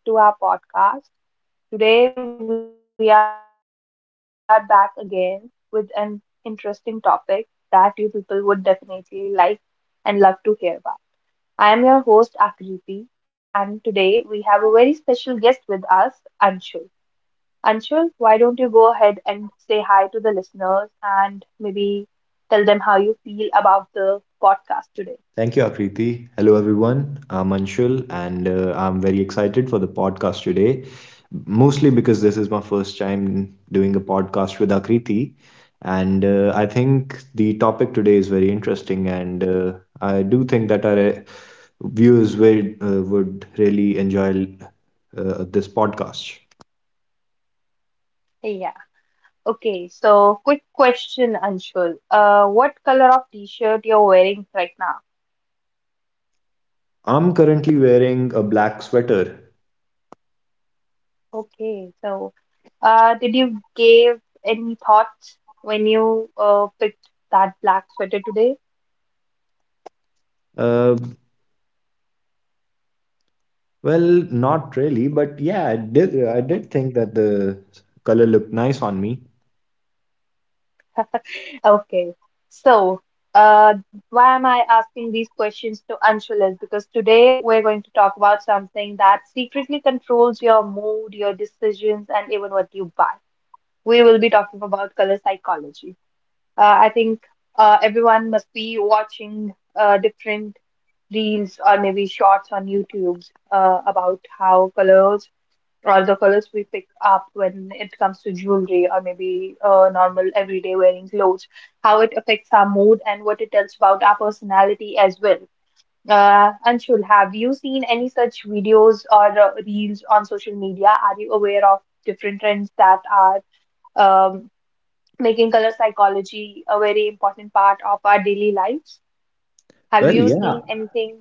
Hello, everyone. Welcome back to our podcast. Today, we are back again with an interesting topic that you people would definitely like and love to hear about. I am your host, Akriti, and today we have a very special guest with us, Anshul. Anshul, why don't you go ahead and say hi to the listeners and maybe tell them how you feel about the podcast Thank you, Akriti. Hello, everyone. I'm Anshul, and I'm very excited for the podcast today, mostly because this is my first time doing a podcast with Akriti. And I think the topic today is very interesting, and I do think that our viewers would really enjoy this podcast. today? Okay, so quick question, Anshul. What color of t-shirt you're wearing right now? I'm currently wearing a black sweater. Okay, so did you give any thoughts when you picked that black sweater today? Uh, Well, not really, but yeah, I did think that the color looked nice on me. Okay, so uh, why am I asking these questions to Anshul is because today we're going to talk about something that secretly controls your mood, your decisions, and even what you buy. We will be talking about color psychology. I think everyone must be watching different reels or maybe shorts on YouTube about how colors or the colors we pick up when it comes to jewelry or maybe normal everyday wearing clothes, how it affects our mood and what it tells about our personality as well. Anshul, have you seen any such videos or reels on social media? Are you aware of different trends that are um, making color psychology a very important part of our daily lives. Have Well, you seen yeah, anything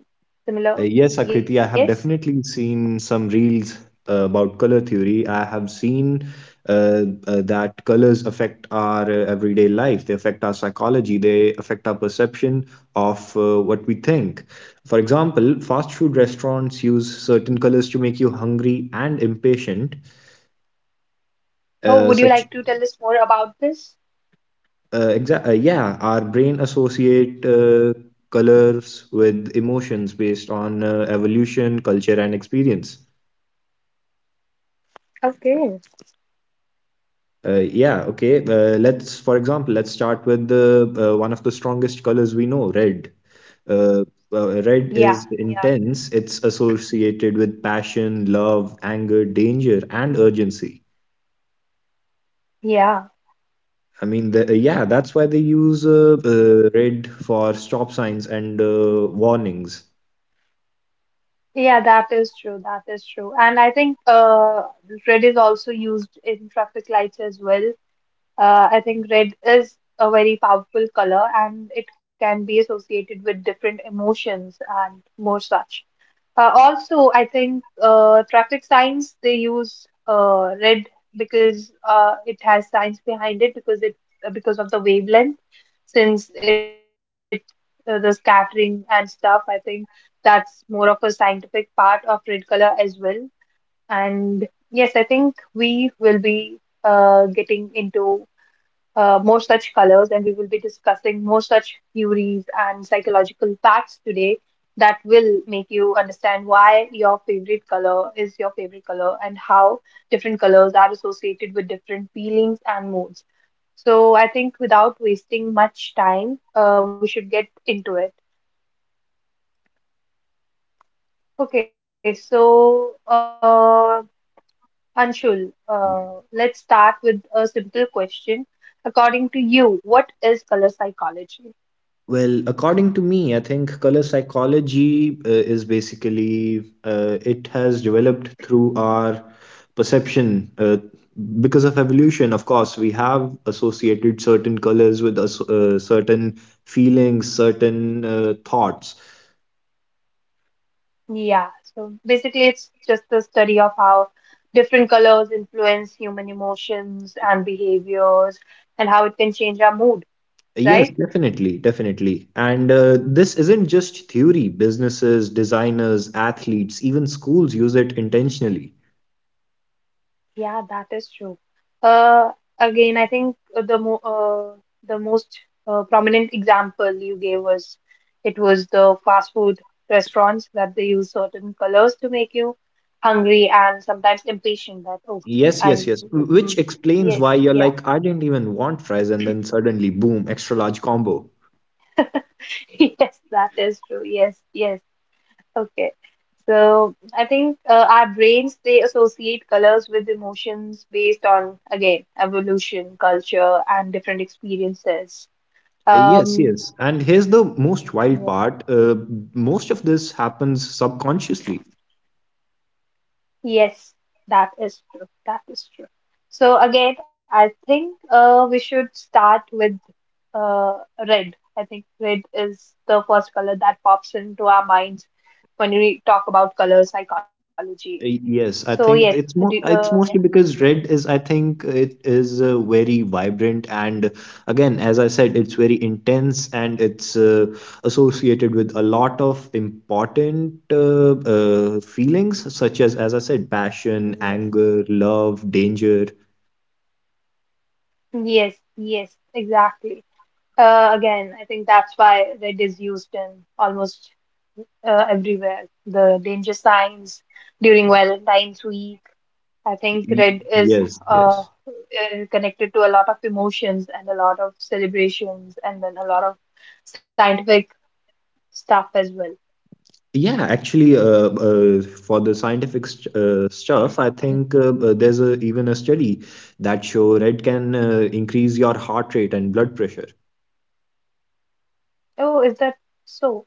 similar? yes, Akriti, Yes. I have definitely seen some reels about color theory. I have seen that colors affect our everyday life. They affect our psychology. They affect our perception of what we think. For example, fast food restaurants use certain colors to make you hungry and impatient. Oh, Uh, would you such like to tell us more about this? Yeah, our brain associate colors with emotions based on evolution, culture, and experience. Okay. uh, yeah, okay, let's, for example, let's start with the one of the strongest colors we know: red. uh, Yeah, Red is yeah, intense, it's associated with passion, love, anger, danger, and urgency. yeah, I mean, yeah, that's why they use red for stop signs and warnings. yeah, that is true. That is true. And I think red is also used in traffic lights as well. I think red is a very powerful color and it can be associated with different emotions and more such. Also, I think traffic signs they use red because it has science behind it because of the wavelength. Since it the scattering and stuff, I think that's more of a scientific part of red color as well. And yes, I think we will be getting into more such colors, and we will be discussing more such theories and psychological facts today that will make you understand why your favorite color is your favorite color and how different colors are associated with different feelings and moods. So, I think without wasting much time, we should get into it. Okay, so Anshul, let's start with a simple question. According to you, what is color psychology? Well, according to me, I think color psychology is basically it has developed through our perception because of evolution. Of course, we have associated certain colors with us, certain feelings, certain thoughts. Yeah, so basically, it's just the study of how different colors influence human emotions and behaviors and how it can change our mood, Yes, right? definitely, definitely. And this isn't just theory. Businesses, designers, athletes, even schools use it intentionally. Yeah, that is true. Uh, again, I think the mo the most prominent example you gave was it was the fast food restaurants that they use certain colors to make you hungry and sometimes impatient that, oh, Yes, yes, and, yes. Which mm, explains yes, why you're yeah. like, I didn't even want fries, and then suddenly, boom, extra large combo. Yes, that is true. Yes, yes. Okay. So I think our brains they associate colors with emotions based on again evolution, culture, and different experiences. Yes, yes. Um, And here's the most wild yeah. part. Most of this happens subconsciously. Yes, that is true. That is true. So again, I think we should start with uh, red. I think red is the first color that pops into our minds when we talk about color psychology. So Yes, I yes, think do, it's more uh, it's mostly because red is, I think it is very vibrant, and again, as I said, it's very intense and it's associated with a lot of important feelings such as I said, yeah, passion, yes. anger, love, danger. Yes, yes, exactly. Again, I think that's why red is used in almost everywhere. The danger signs during Valentine's week. I think Y- red is Yes, uh, yes. uh, connected to a lot of emotions and a lot of celebrations and then a lot of scientific stuff as well. Yeah, actually, for the scientific st stuff, I think there's a, even a study that show red can increase your heart rate and blood pressure. Oh, is that so?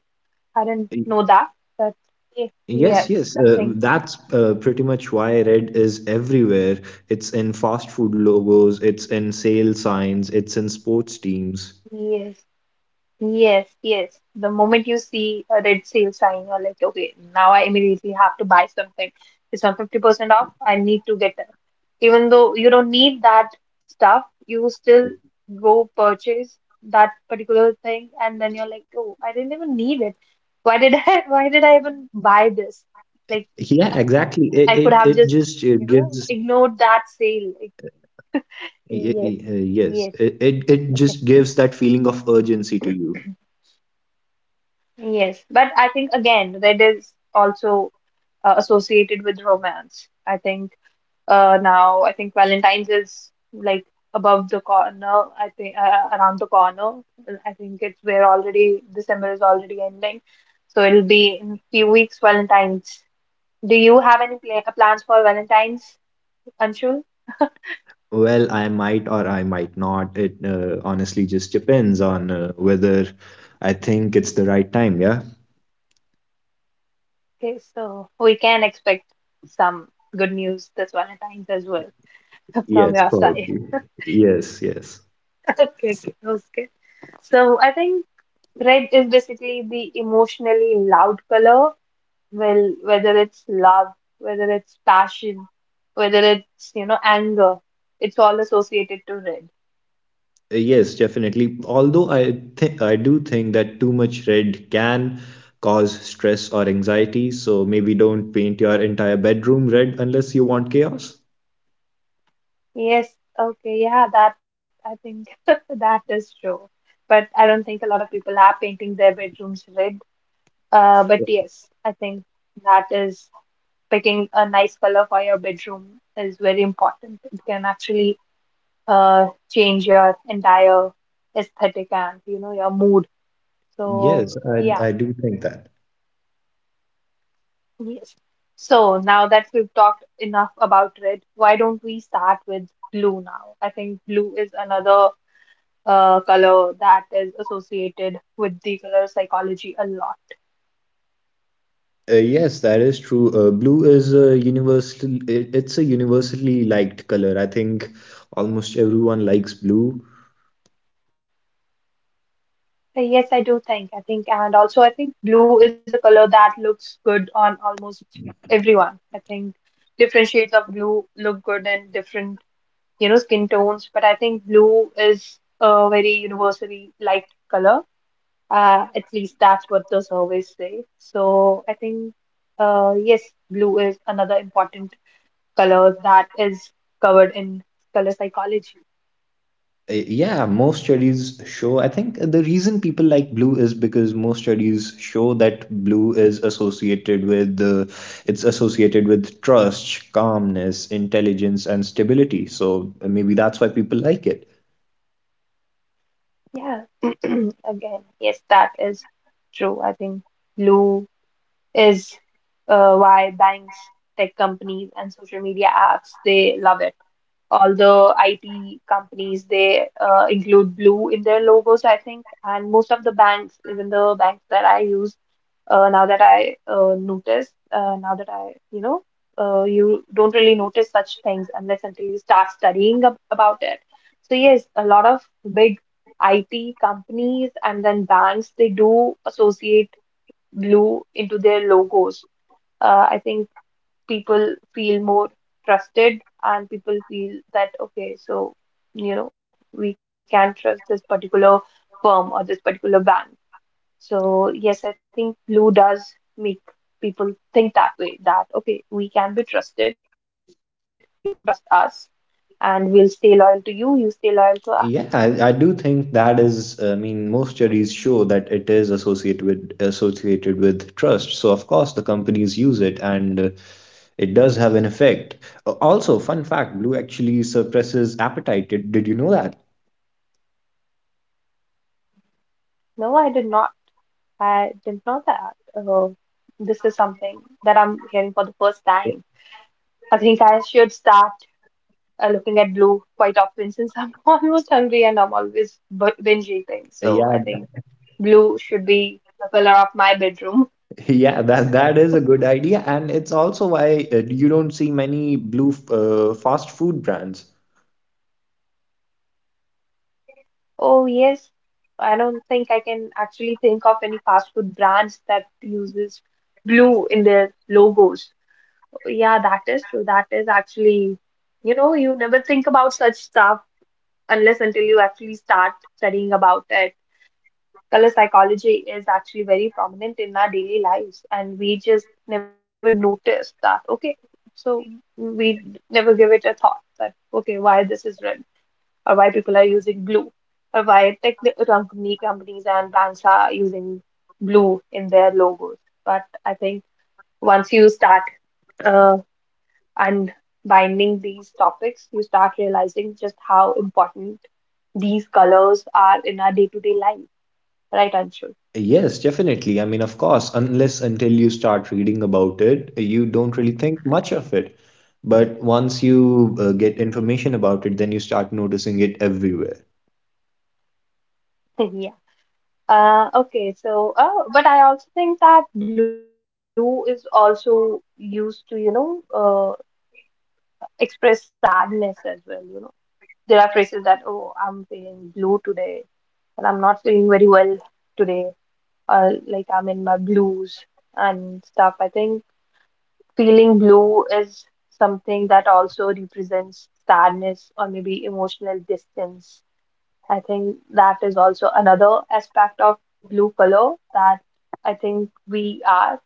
I didn't Y- know that, but y- Yes, yes, yes, I think that's pretty much why red is everywhere. It's in fast food logos, it's in sale signs, it's in sports teams. yes. Yes, yes. The moment you see a red sale sign, you're like, okay, now I immediately have to buy something. It's on 50% off. I need to get that. Even though you don't need that stuff, you still go purchase that particular thing, and then you're like, oh, I didn't even need it. Why did why did I even buy this? Like, Yeah, I could have exactly. just, It it, you it know, just ignored gives, that sale. Like, yes, y- y- yes, uh, yes, it, it okay, it just gives that feeling of urgency to you. yes. But I think again, red is also associated with romance. I think now I think Valentine's is like above the corner. I think around the corner. I think it's we're already, December is already ending, so it'll be in few weeks Valentine's. Do you have any plans for Valentine's, Anshul? Well, I might or I might not. It honestly just depends on whether I think it's the right time, yeah? Okay, so we can expect some good news this Valentine's as well from Yes, your side. probably. Yes, yes. Okay, okay, okay. So I think red is basically the emotionally loud color. Well, whether it's love, whether it's passion, whether it's, you know, anger, it's all associated to red. Yes, definitely. Although I think I do think that too much red can cause stress or anxiety, so maybe don't paint your entire bedroom red unless you want chaos. Yes, okay, yeah, that I think that is true. But I don't think a lot of people are painting their bedrooms red. But yes, I think that is picking a nice color for your bedroom is very important. It can actually uh change your entire aesthetic and, you know, your mood. Yes, So yeah. I do think that. Yes. So now that we've talked enough about red, why don't we start with blue now? I think blue is another color that is associated with the color psychology a lot. Yes, that is true. Blue is a universal, it's a universally liked color. I think almost everyone likes blue. So yes, I do think. I think, and also I think blue is a color that looks good on almost everyone. I think different shades of blue look good in different, you know, skin tones, but I think blue is a very universally liked color. At least that's what the surveys say. So I think, yes, blue is another important color that is covered in color psychology. Yeah, most studies show, I think the reason people like blue is because most studies show that blue is associated with it's associated with trust, calmness, intelligence, and stability. So maybe that's why people like it. Yeah, again, yes, that is true. I think blue is why banks, tech companies, and social media apps, they love it. All the IT companies, they include blue in their logos, I think, and most of the banks, even the banks that I use now that I notice, now that I, you know, you don't really notice such things unless until you start studying ab about it. So yes, a lot of big IT companies and then banks, they do associate blue into their logos. I think people feel more trusted and people feel that, okay, so, you know, we can trust this particular firm or this particular bank. So, yes, I think blue does make people think that way, that okay, we can be trusted, you can trust us, and we'll stay loyal to you, you stay loyal to us. Yeah, I do think that is, I mean, most studies show that it is associated with trust. So of course the companies use it, and it does have an effect. Also, fun fact, blue actually suppresses appetite. Did you know that? No, I did not. I didn't know that. This is something that I'm hearing for the first time. I think I should start looking at blue quite often since I'm almost hungry and I'm always binge eating. So Yeah, I think blue should be the color of my bedroom. yeah, that that is a good idea, and it's also why you don't see many blue fast food brands. Oh, yes, I don't think I can actually think of any fast food brands that uses blue in their logos. Yeah, that is true. That is actually, you know, you never think about such stuff unless until you actually start studying about it. Color psychology is actually very prominent in our daily lives, and we just never notice that. Okay, so we never give it a thought that, okay, why this is red or why people are using blue, or why tech company companies and banks are using blue in their logos. But I think once you start uh, unbinding these topics, you start realizing just how important these colors are in our day-to-day life, right, Anshul? Yes, definitely. I mean, of course, unless until you start reading about it, you don't really think much of it. But once you get information about it, then you start noticing it everywhere. Yeah. Okay, so, but I also think that blue is also used to, you know, express sadness as well, you know. There are phrases that, oh, I'm feeling blue today, and I'm not feeling very well today, or like I'm in my blues and stuff. I think feeling blue is something that also represents sadness or maybe emotional distance. I think that is also another aspect of blue color that I think we are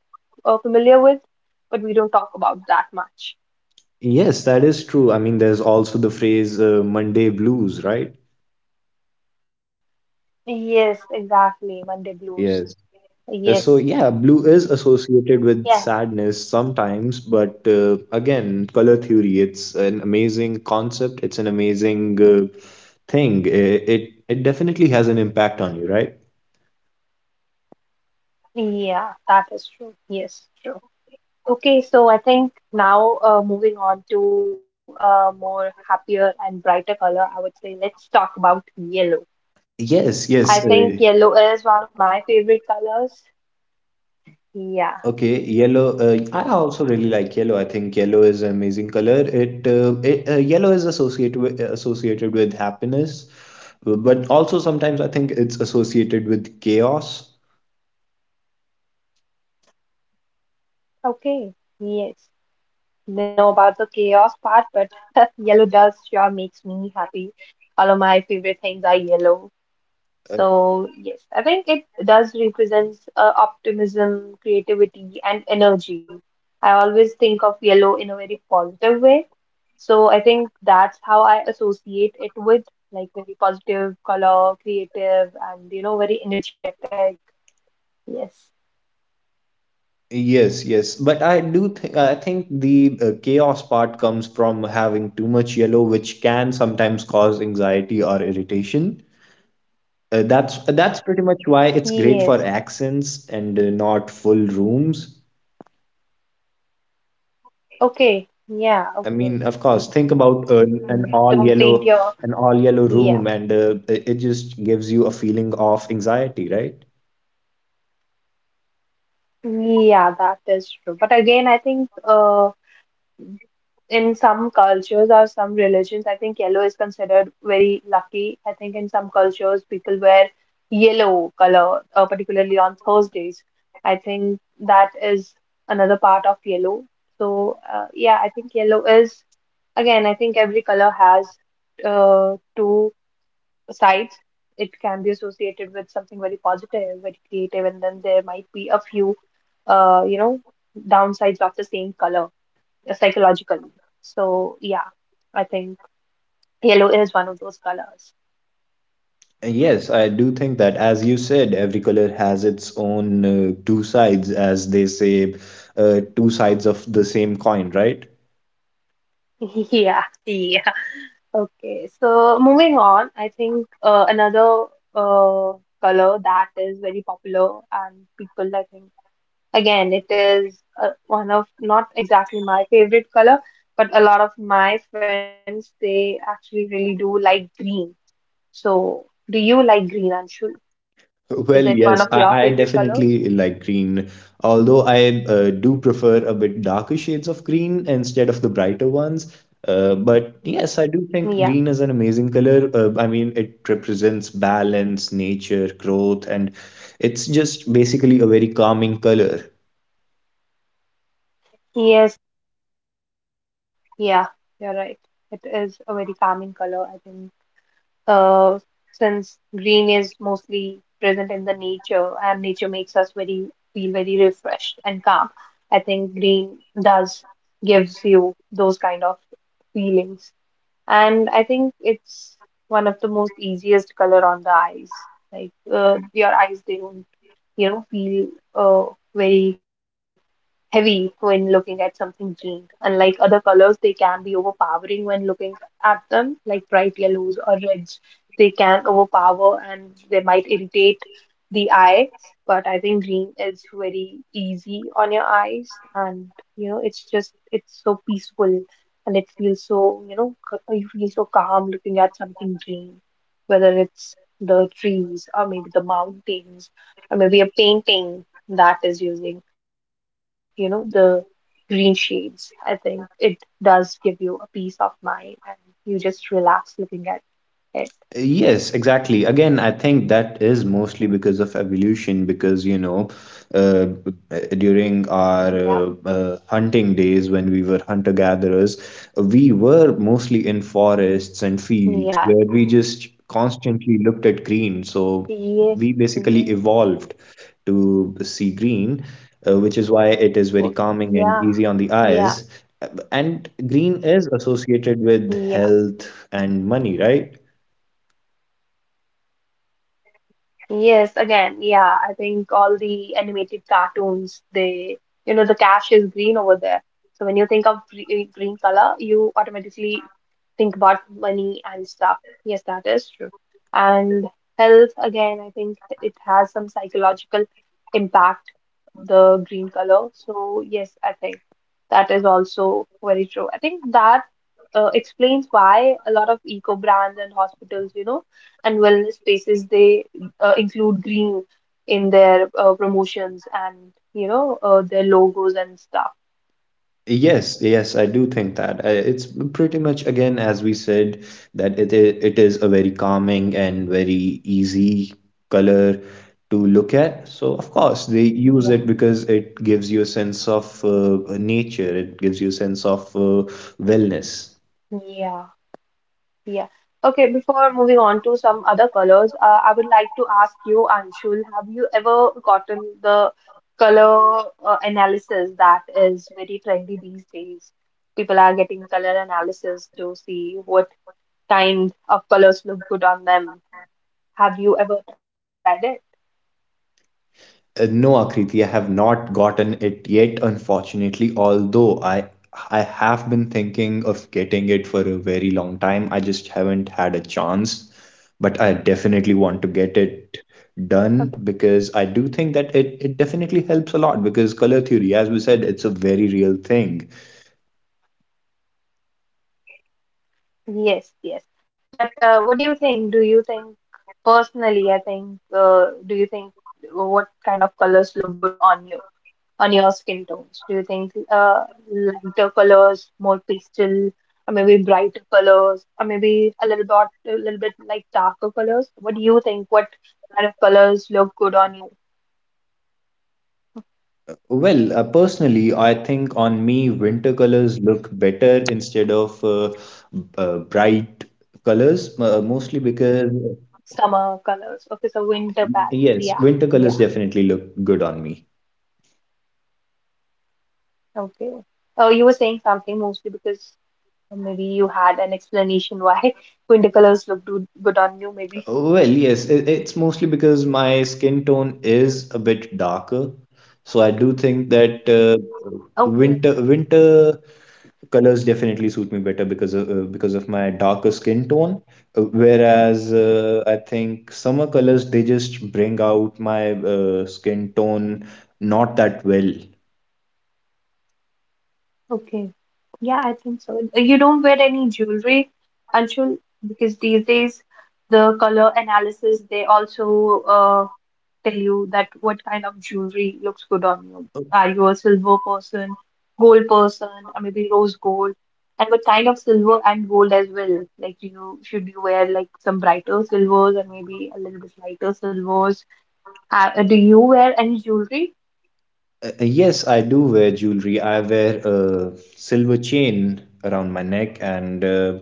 familiar with, but we don't talk about that much. Yes, that is true. I mean, there's also the phrase Monday blues, right? Yes, exactly. Monday blues. Yes. So, Yes. yeah, blue is associated with Yeah. sadness sometimes, but again, color theory, it's an amazing concept. It's an amazing thing. It definitely has an impact on you, right? Yeah, that is true. Yes, true. Okay, so I think now moving on to a more happier and brighter color, I would say let's talk about yellow. I Yes, think yes. yellow is one of my favorite colors. Yeah, Okay, yellow. I also really like yellow. I think yellow is an amazing color. It, it Yellow is associated with happiness, but also sometimes I think it's associated with chaos. okay, yes. Didn't know about the chaos part, but yellow does sure makes me happy. All of my favorite things are yellow. Uh, So yes, I think it does represents optimism, creativity, and energy. I always think of yellow in a very positive way. So I think that's how I associate it with like very positive color, creative, and you know, very energetic. Yes. yes, yes. But I do think, I think the chaos part comes from having too much yellow, which can sometimes cause anxiety or irritation. That's pretty much why it's great for Yes. accents and not full rooms. Okay. Yeah. I mean, Okay. of course, Mm, think about mm, mm. Don't paint your. an all yellow Yeah. room, and it just gives you a feeling of anxiety, right? Yeah, that is true. But again, I think in some cultures or some religions, I think yellow is considered very lucky. I think in some cultures, people wear yellow color, particularly on Thursdays. I think that is another part of yellow. So, yeah, I think yellow is, again, I think every color has two sides. It can be associated with something very positive, very creative, and then there might be a few, uh, you know, downsides of the same color psychologically. So yeah, I think yellow is one of those colors. Yes, I do think that, as you said, every color has its own two sides, as they say, two sides of the same coin, right? Yeah, yeah. Okay, so moving on, I think another uh, color that is very popular and people, I think, again, it is one of not exactly my favorite color, but a lot of my friends, they actually really do like green. So, do you like green, Anshul? Is it one of Well, your yes, favorite I colors? definitely like green, although I do prefer a bit darker shades of green instead of the brighter ones. But yes, I do think Yeah. green is an amazing color. I mean, it represents balance, nature, growth, and it's just basically a very calming color. Yes. Yeah, you're right. It is a very calming color, I think. Uh, since green is mostly present in the nature and nature makes us very feel very refreshed and calm, I think green does gives you those kind of feelings. And I think it's one of the most easiest color on the eyes. Like your eyes, they don't, feel uh, very heavy when looking at something green. Unlike other colors, they can be overpowering when looking at them, like bright yellows or reds. They can overpower and they might irritate the eyes. But I think green is very easy on your eyes, and you know, it's just it's so peaceful and it feels so you know c- you feel so calm looking at something green, whether it's the trees or maybe the mountains or maybe a painting that is using, the green shades. I think it does give you a peace of mind and you just relax looking at it. Yes, exactly. Again, I think that is mostly because of evolution, because you know, uh, during our Yeah, hunting days when we were hunter-gatherers, we were mostly in forests and yeah, fields where we just constantly looked at green. So yes, we yes, basically evolved to see green, which is why it is oh, very calming yeah, and easy on the yeah, eyes. And green is associated with yeah. health and money, right? Yes, again, yeah, I think all the animated cartoons, the cash is green over there. So when you think of green color, you automatically think about money and stuff. Yes, that is true. And health, again, I think it has some psychological impact the green color. So yes, I think that is also very true. I think that explains why a lot of eco brands and hospitals, and wellness spaces they include green in their promotions and their logos and stuff. Yes, yes, I do think that. It's pretty much again, as we said, that it is a very calming and very easy color to look at. So of course they use Yeah, it because it gives you a sense of nature. It gives you a sense of wellness. yeah. Yeah. Okay, before moving on to some other colors, I would like to ask you, Anshul, have you ever gotten the color analysis that is very trendy these days? People are getting color analysis to see what kind of colors look good on them. Have you ever tried it? No, Akriti, I have not gotten it yet, unfortunately, although I have been thinking of getting it for a very long time. I just haven't had a chance, but I definitely want to get it Okay. done because I do think that it definitely helps a lot because color theory, as we said, it's a very real thing. Yes, yes. But what do you think? Do you think personally, I think, do you think what kind of colors look good on you? On your skin tones? Do you think lighter colors, more pastel, or maybe brighter colors, or maybe a little bit like darker colors? What do you think? What kind of colors look good on you? Well, personally, I think on me, winter colors look better instead of bright colors, mostly because... Summer colors. Okay, so winter palette. Yes, Yeah, winter colors yeah. definitely look good on me. Okay. Oh, you were saying something mostly because maybe you had an explanation why winter colors look good on you, maybe. Well, yes, it's mostly because my skin tone is a bit darker, so I do think that uh, Okay. winter winter colors definitely suit me better because of my darker skin tone. Whereas I think summer colors they just bring out my skin tone not that well. Okay. Yeah, I think so. You don't wear any jewelry, Anshul, because these days the color analysis they also tell you that what kind of jewelry looks good on you. Are you a silver person, gold person, or maybe rose gold? And what kind of silver and gold as well? Like, do you should you wear like some brighter silvers and maybe a little bit lighter silvers? Do you wear any jewelry? Yes, I do wear jewelry. I wear a silver chain around my neck, and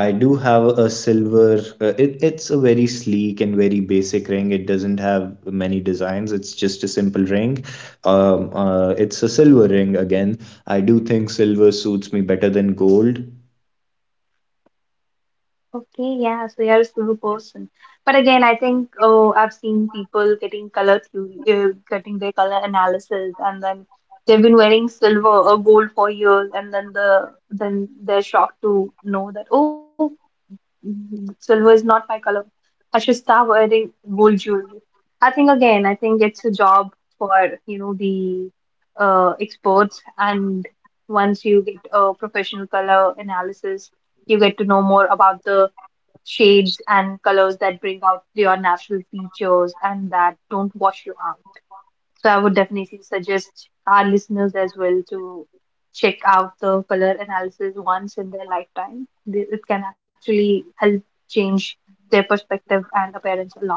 I do have a silver. It's a very sleek and very basic ring. It doesn't have many designs. It's just a simple ring. It's a silver ring again. I do think silver suits me better than gold. Okay, yeah, so you're a slow person. But again, I think oh, I've seen people getting color theory, getting their color analysis, and then they've been wearing silver or gold for years, and then then they're shocked to know that oh, silver is not my color. I should start wearing gold jewelry. I think again, I think it's a job for the experts, and once you get a professional color analysis you get to know more about the shades and colors that bring out your natural features and that don't wash you out. So I would definitely suggest our listeners as well to check out the color analysis once in their lifetime. It can actually help change their perspective and appearance a lot.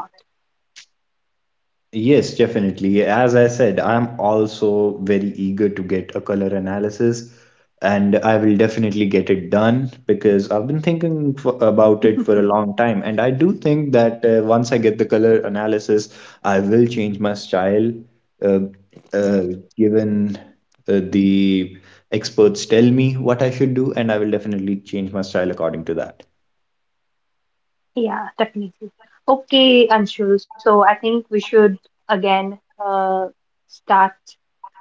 Yes, definitely. As I said, I'm also very eager to get a color analysis, and I will definitely get it done because I've been thinking for, about it for a long time. And I do think that once I get the color analysis, I will change my style, uh, uh, given the experts tell me what I should do, and I will definitely change my style according to that. Yeah, definitely. Okay, Anshul. So I think we should again uh, start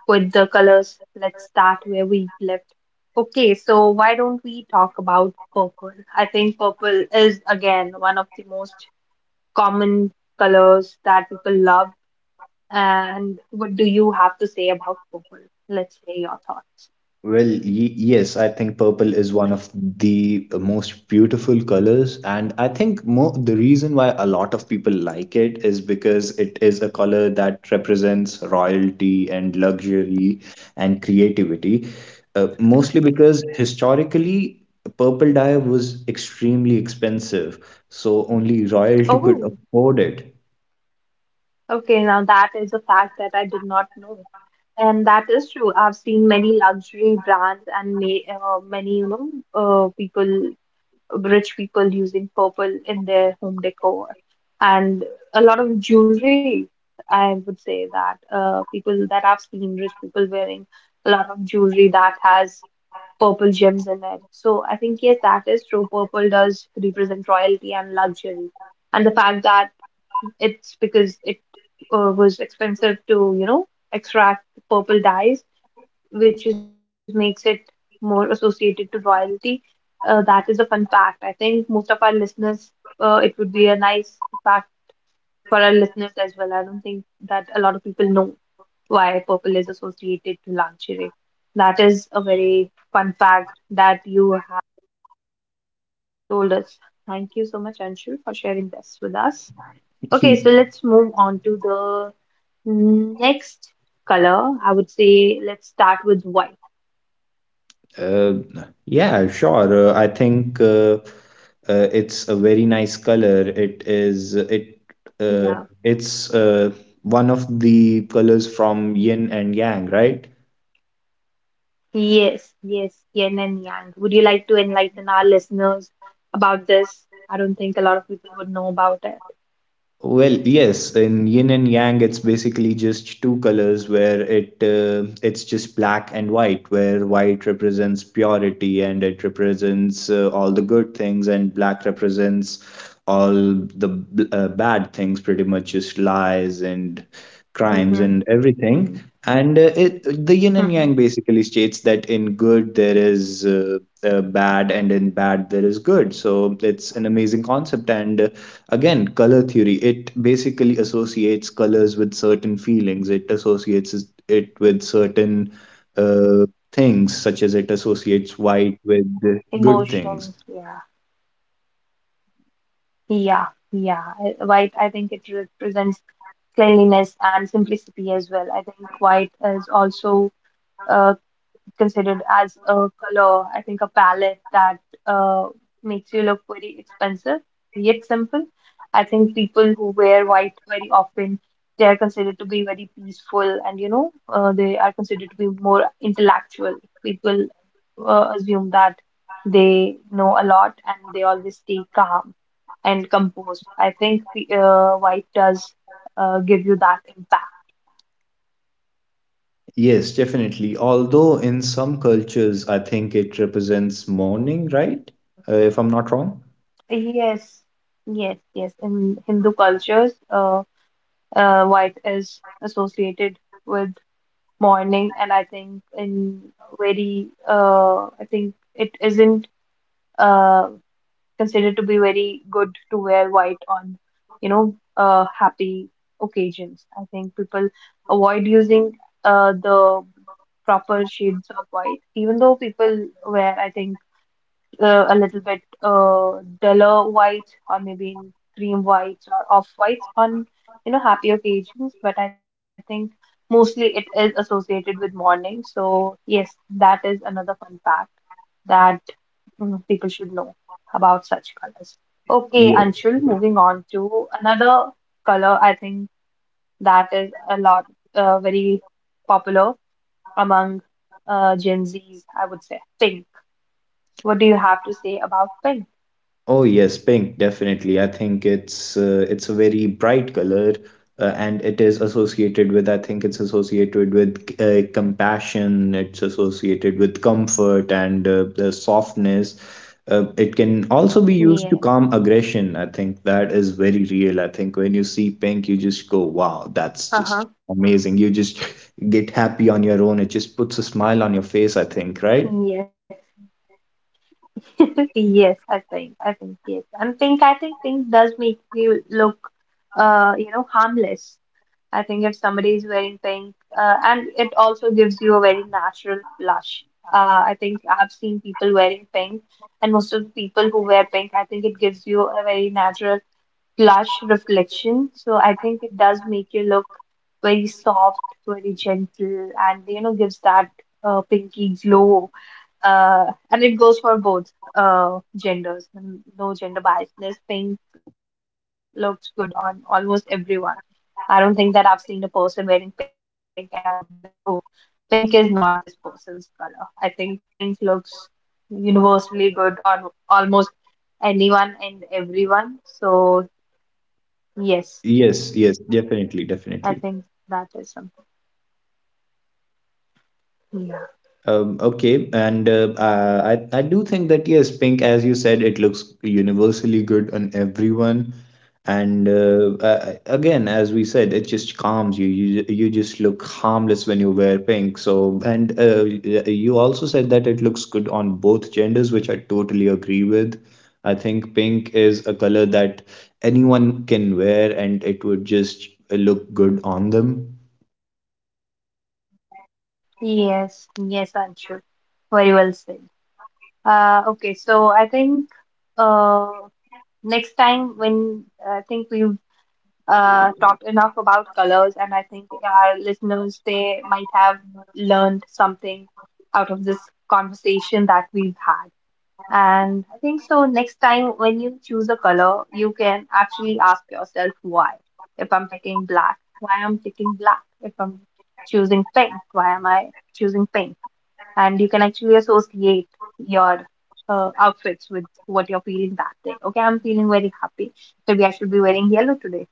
with the colors. Let's start where we left. Okay, so why don't we talk about purple? I think purple is again one of the most common colors that people love. And what do you have to say about purple? Let's say your thoughts. Well, yes, I think purple is one of the most beautiful colors, and I think mo the reason why a lot of people like it is because it is a color that represents royalty and luxury and creativity. Mostly because historically, purple dye was extremely expensive, so only royalty could Oh, afford it. okay. Now that is a fact that I did not know. And that is true. I've seen many luxury brands and ma many, people. Rich people using purple in their home decor and a lot of jewelry. I would say that people that I've seen rich people wearing a lot of jewelry that has purple gems in it. So I think, yes, that is true. Purple does represent royalty and luxury. And the fact that it's because it was expensive to, extract purple dyes which is makes it more associated to royalty. That is a fun fact. I think most of our listeners, it would be a nice fact for our listeners as well. I don't think that a lot of people know why purple is associated to lingerie. That is a very fun fact that you have told us. Thank you so much, Anshul, for sharing this with us. Okay, so let's move on to the next color. I would say let's start with white. Uh, yeah, sure. I think it's a very nice color. It is it uh, Yeah. it's one of the colors from yin and yang, right? Yes, yes, yin and yang. Would you like to enlighten our listeners about this? I don't think a lot of people would know about it. Well, yes, in yin and yang, it's basically just two colors where it's just black and white, where white represents purity and it represents all the good things, and black represents all the bad things, pretty much just lies and crimes Mm-hmm. and everything. And the yin and Mm-hmm. yang basically states that in good there is bad, and in bad there is good. So it's an amazing concept, and again, color theory, it basically associates colors with certain feelings, it associates it with certain uh, things, such as it associates white with Emotions, yeah, good things. yeah, yeah. White, I think it represents cleanliness and simplicity as well. I think white is also uh, considered as a color, I think a palette that uh, makes you look very expensive, yet simple. I think people who wear white very often, they are considered to be very peaceful and, they are considered to be more intellectual. People assume that they know a lot and they always stay calm and composed. I think white does give you that impact. Yes, definitely. Although in some cultures, I think it represents mourning, right? If I'm not wrong. Yes, yes, yes. In Hindu cultures, white is associated with mourning, and I think I think it isn't uh, considered to be very good to wear white on, happy occasions. I think people avoid using the proper shades of white, even though people wear, I think a little bit duller whites or maybe in cream whites or off whites on happy occasions. But I think mostly it is associated with mourning. So yes, that is another fun fact that people should know about such colors. Okay, Yes. Anshul, moving on to another color, I think that is a lot very popular among Gen Zs, I would say pink. What do you have to say about pink? Oh yes, pink, definitely. I think it's a very bright color, and it is associated with, I think it's associated with compassion, it's associated with comfort and the softness. It can also be used to Yeah. calm aggression. I think that is very real. I think when you see pink, you just go, wow, that's just Uh-huh. amazing. You just get happy on your own. It just puts a smile on your face, I think, right? Yes. Yes, I think. I think yes. I think pink does make you look harmless. I think if somebody is wearing pink, and it also gives you a very natural blush. I think I've seen people wearing pink, and most of the people who wear pink, I think it gives you a very natural blush reflection. So I think it does make you look very soft, very gentle, and gives that pinky glow. And it goes for both genders. No gender biasness. Pink looks good on almost everyone. I don't think that I've seen a person wearing pink and I would be like, oh, pink is not this person's color. I think pink looks universally good on almost anyone and everyone. So, yes, Yes, yes, definitely, definitely. I think that is something. Okay, and I do think that yes, pink, as you said, it looks universally good on everyone, and again, as we said, it just calms you. You just look harmless when you wear pink. So, and you also said that it looks good on both genders, which I totally agree with. I think pink is a color that anyone can wear, and it would just look good on them. Yes, yes, Anshu. Very well said. Okay, so I think uh, next time when I think we talked enough about colors, and I think our listeners they might have learned something out of this conversation that we've had. And I think so. Next time when you choose a color, you can actually ask yourself why. If I'm picking black, why I'm picking black? If I'm choosing pink, why am I choosing pink? And you can actually associate your outfits with what you're feeling that day. Okay, I'm feeling very happy. Maybe I should be wearing yellow today,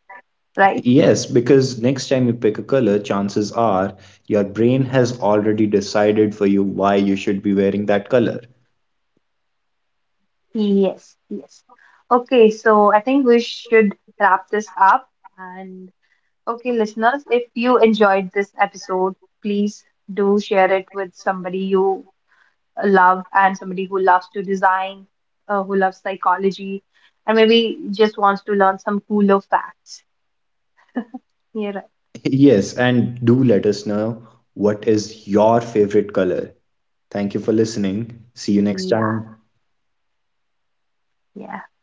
right? Yes, because next time you pick a color, chances are your brain has already decided for you why you should be wearing that color. Yes, yes. Okay, so I think we should wrap this up. And okay, listeners, if you enjoyed this episode, please do share it with somebody you love and somebody who loves to design, who loves psychology, and maybe just wants to learn some cooler facts. Yeah, right. Yes, and do let us know what is your favorite color. Thank you for listening. See you next time. Yeah, yeah.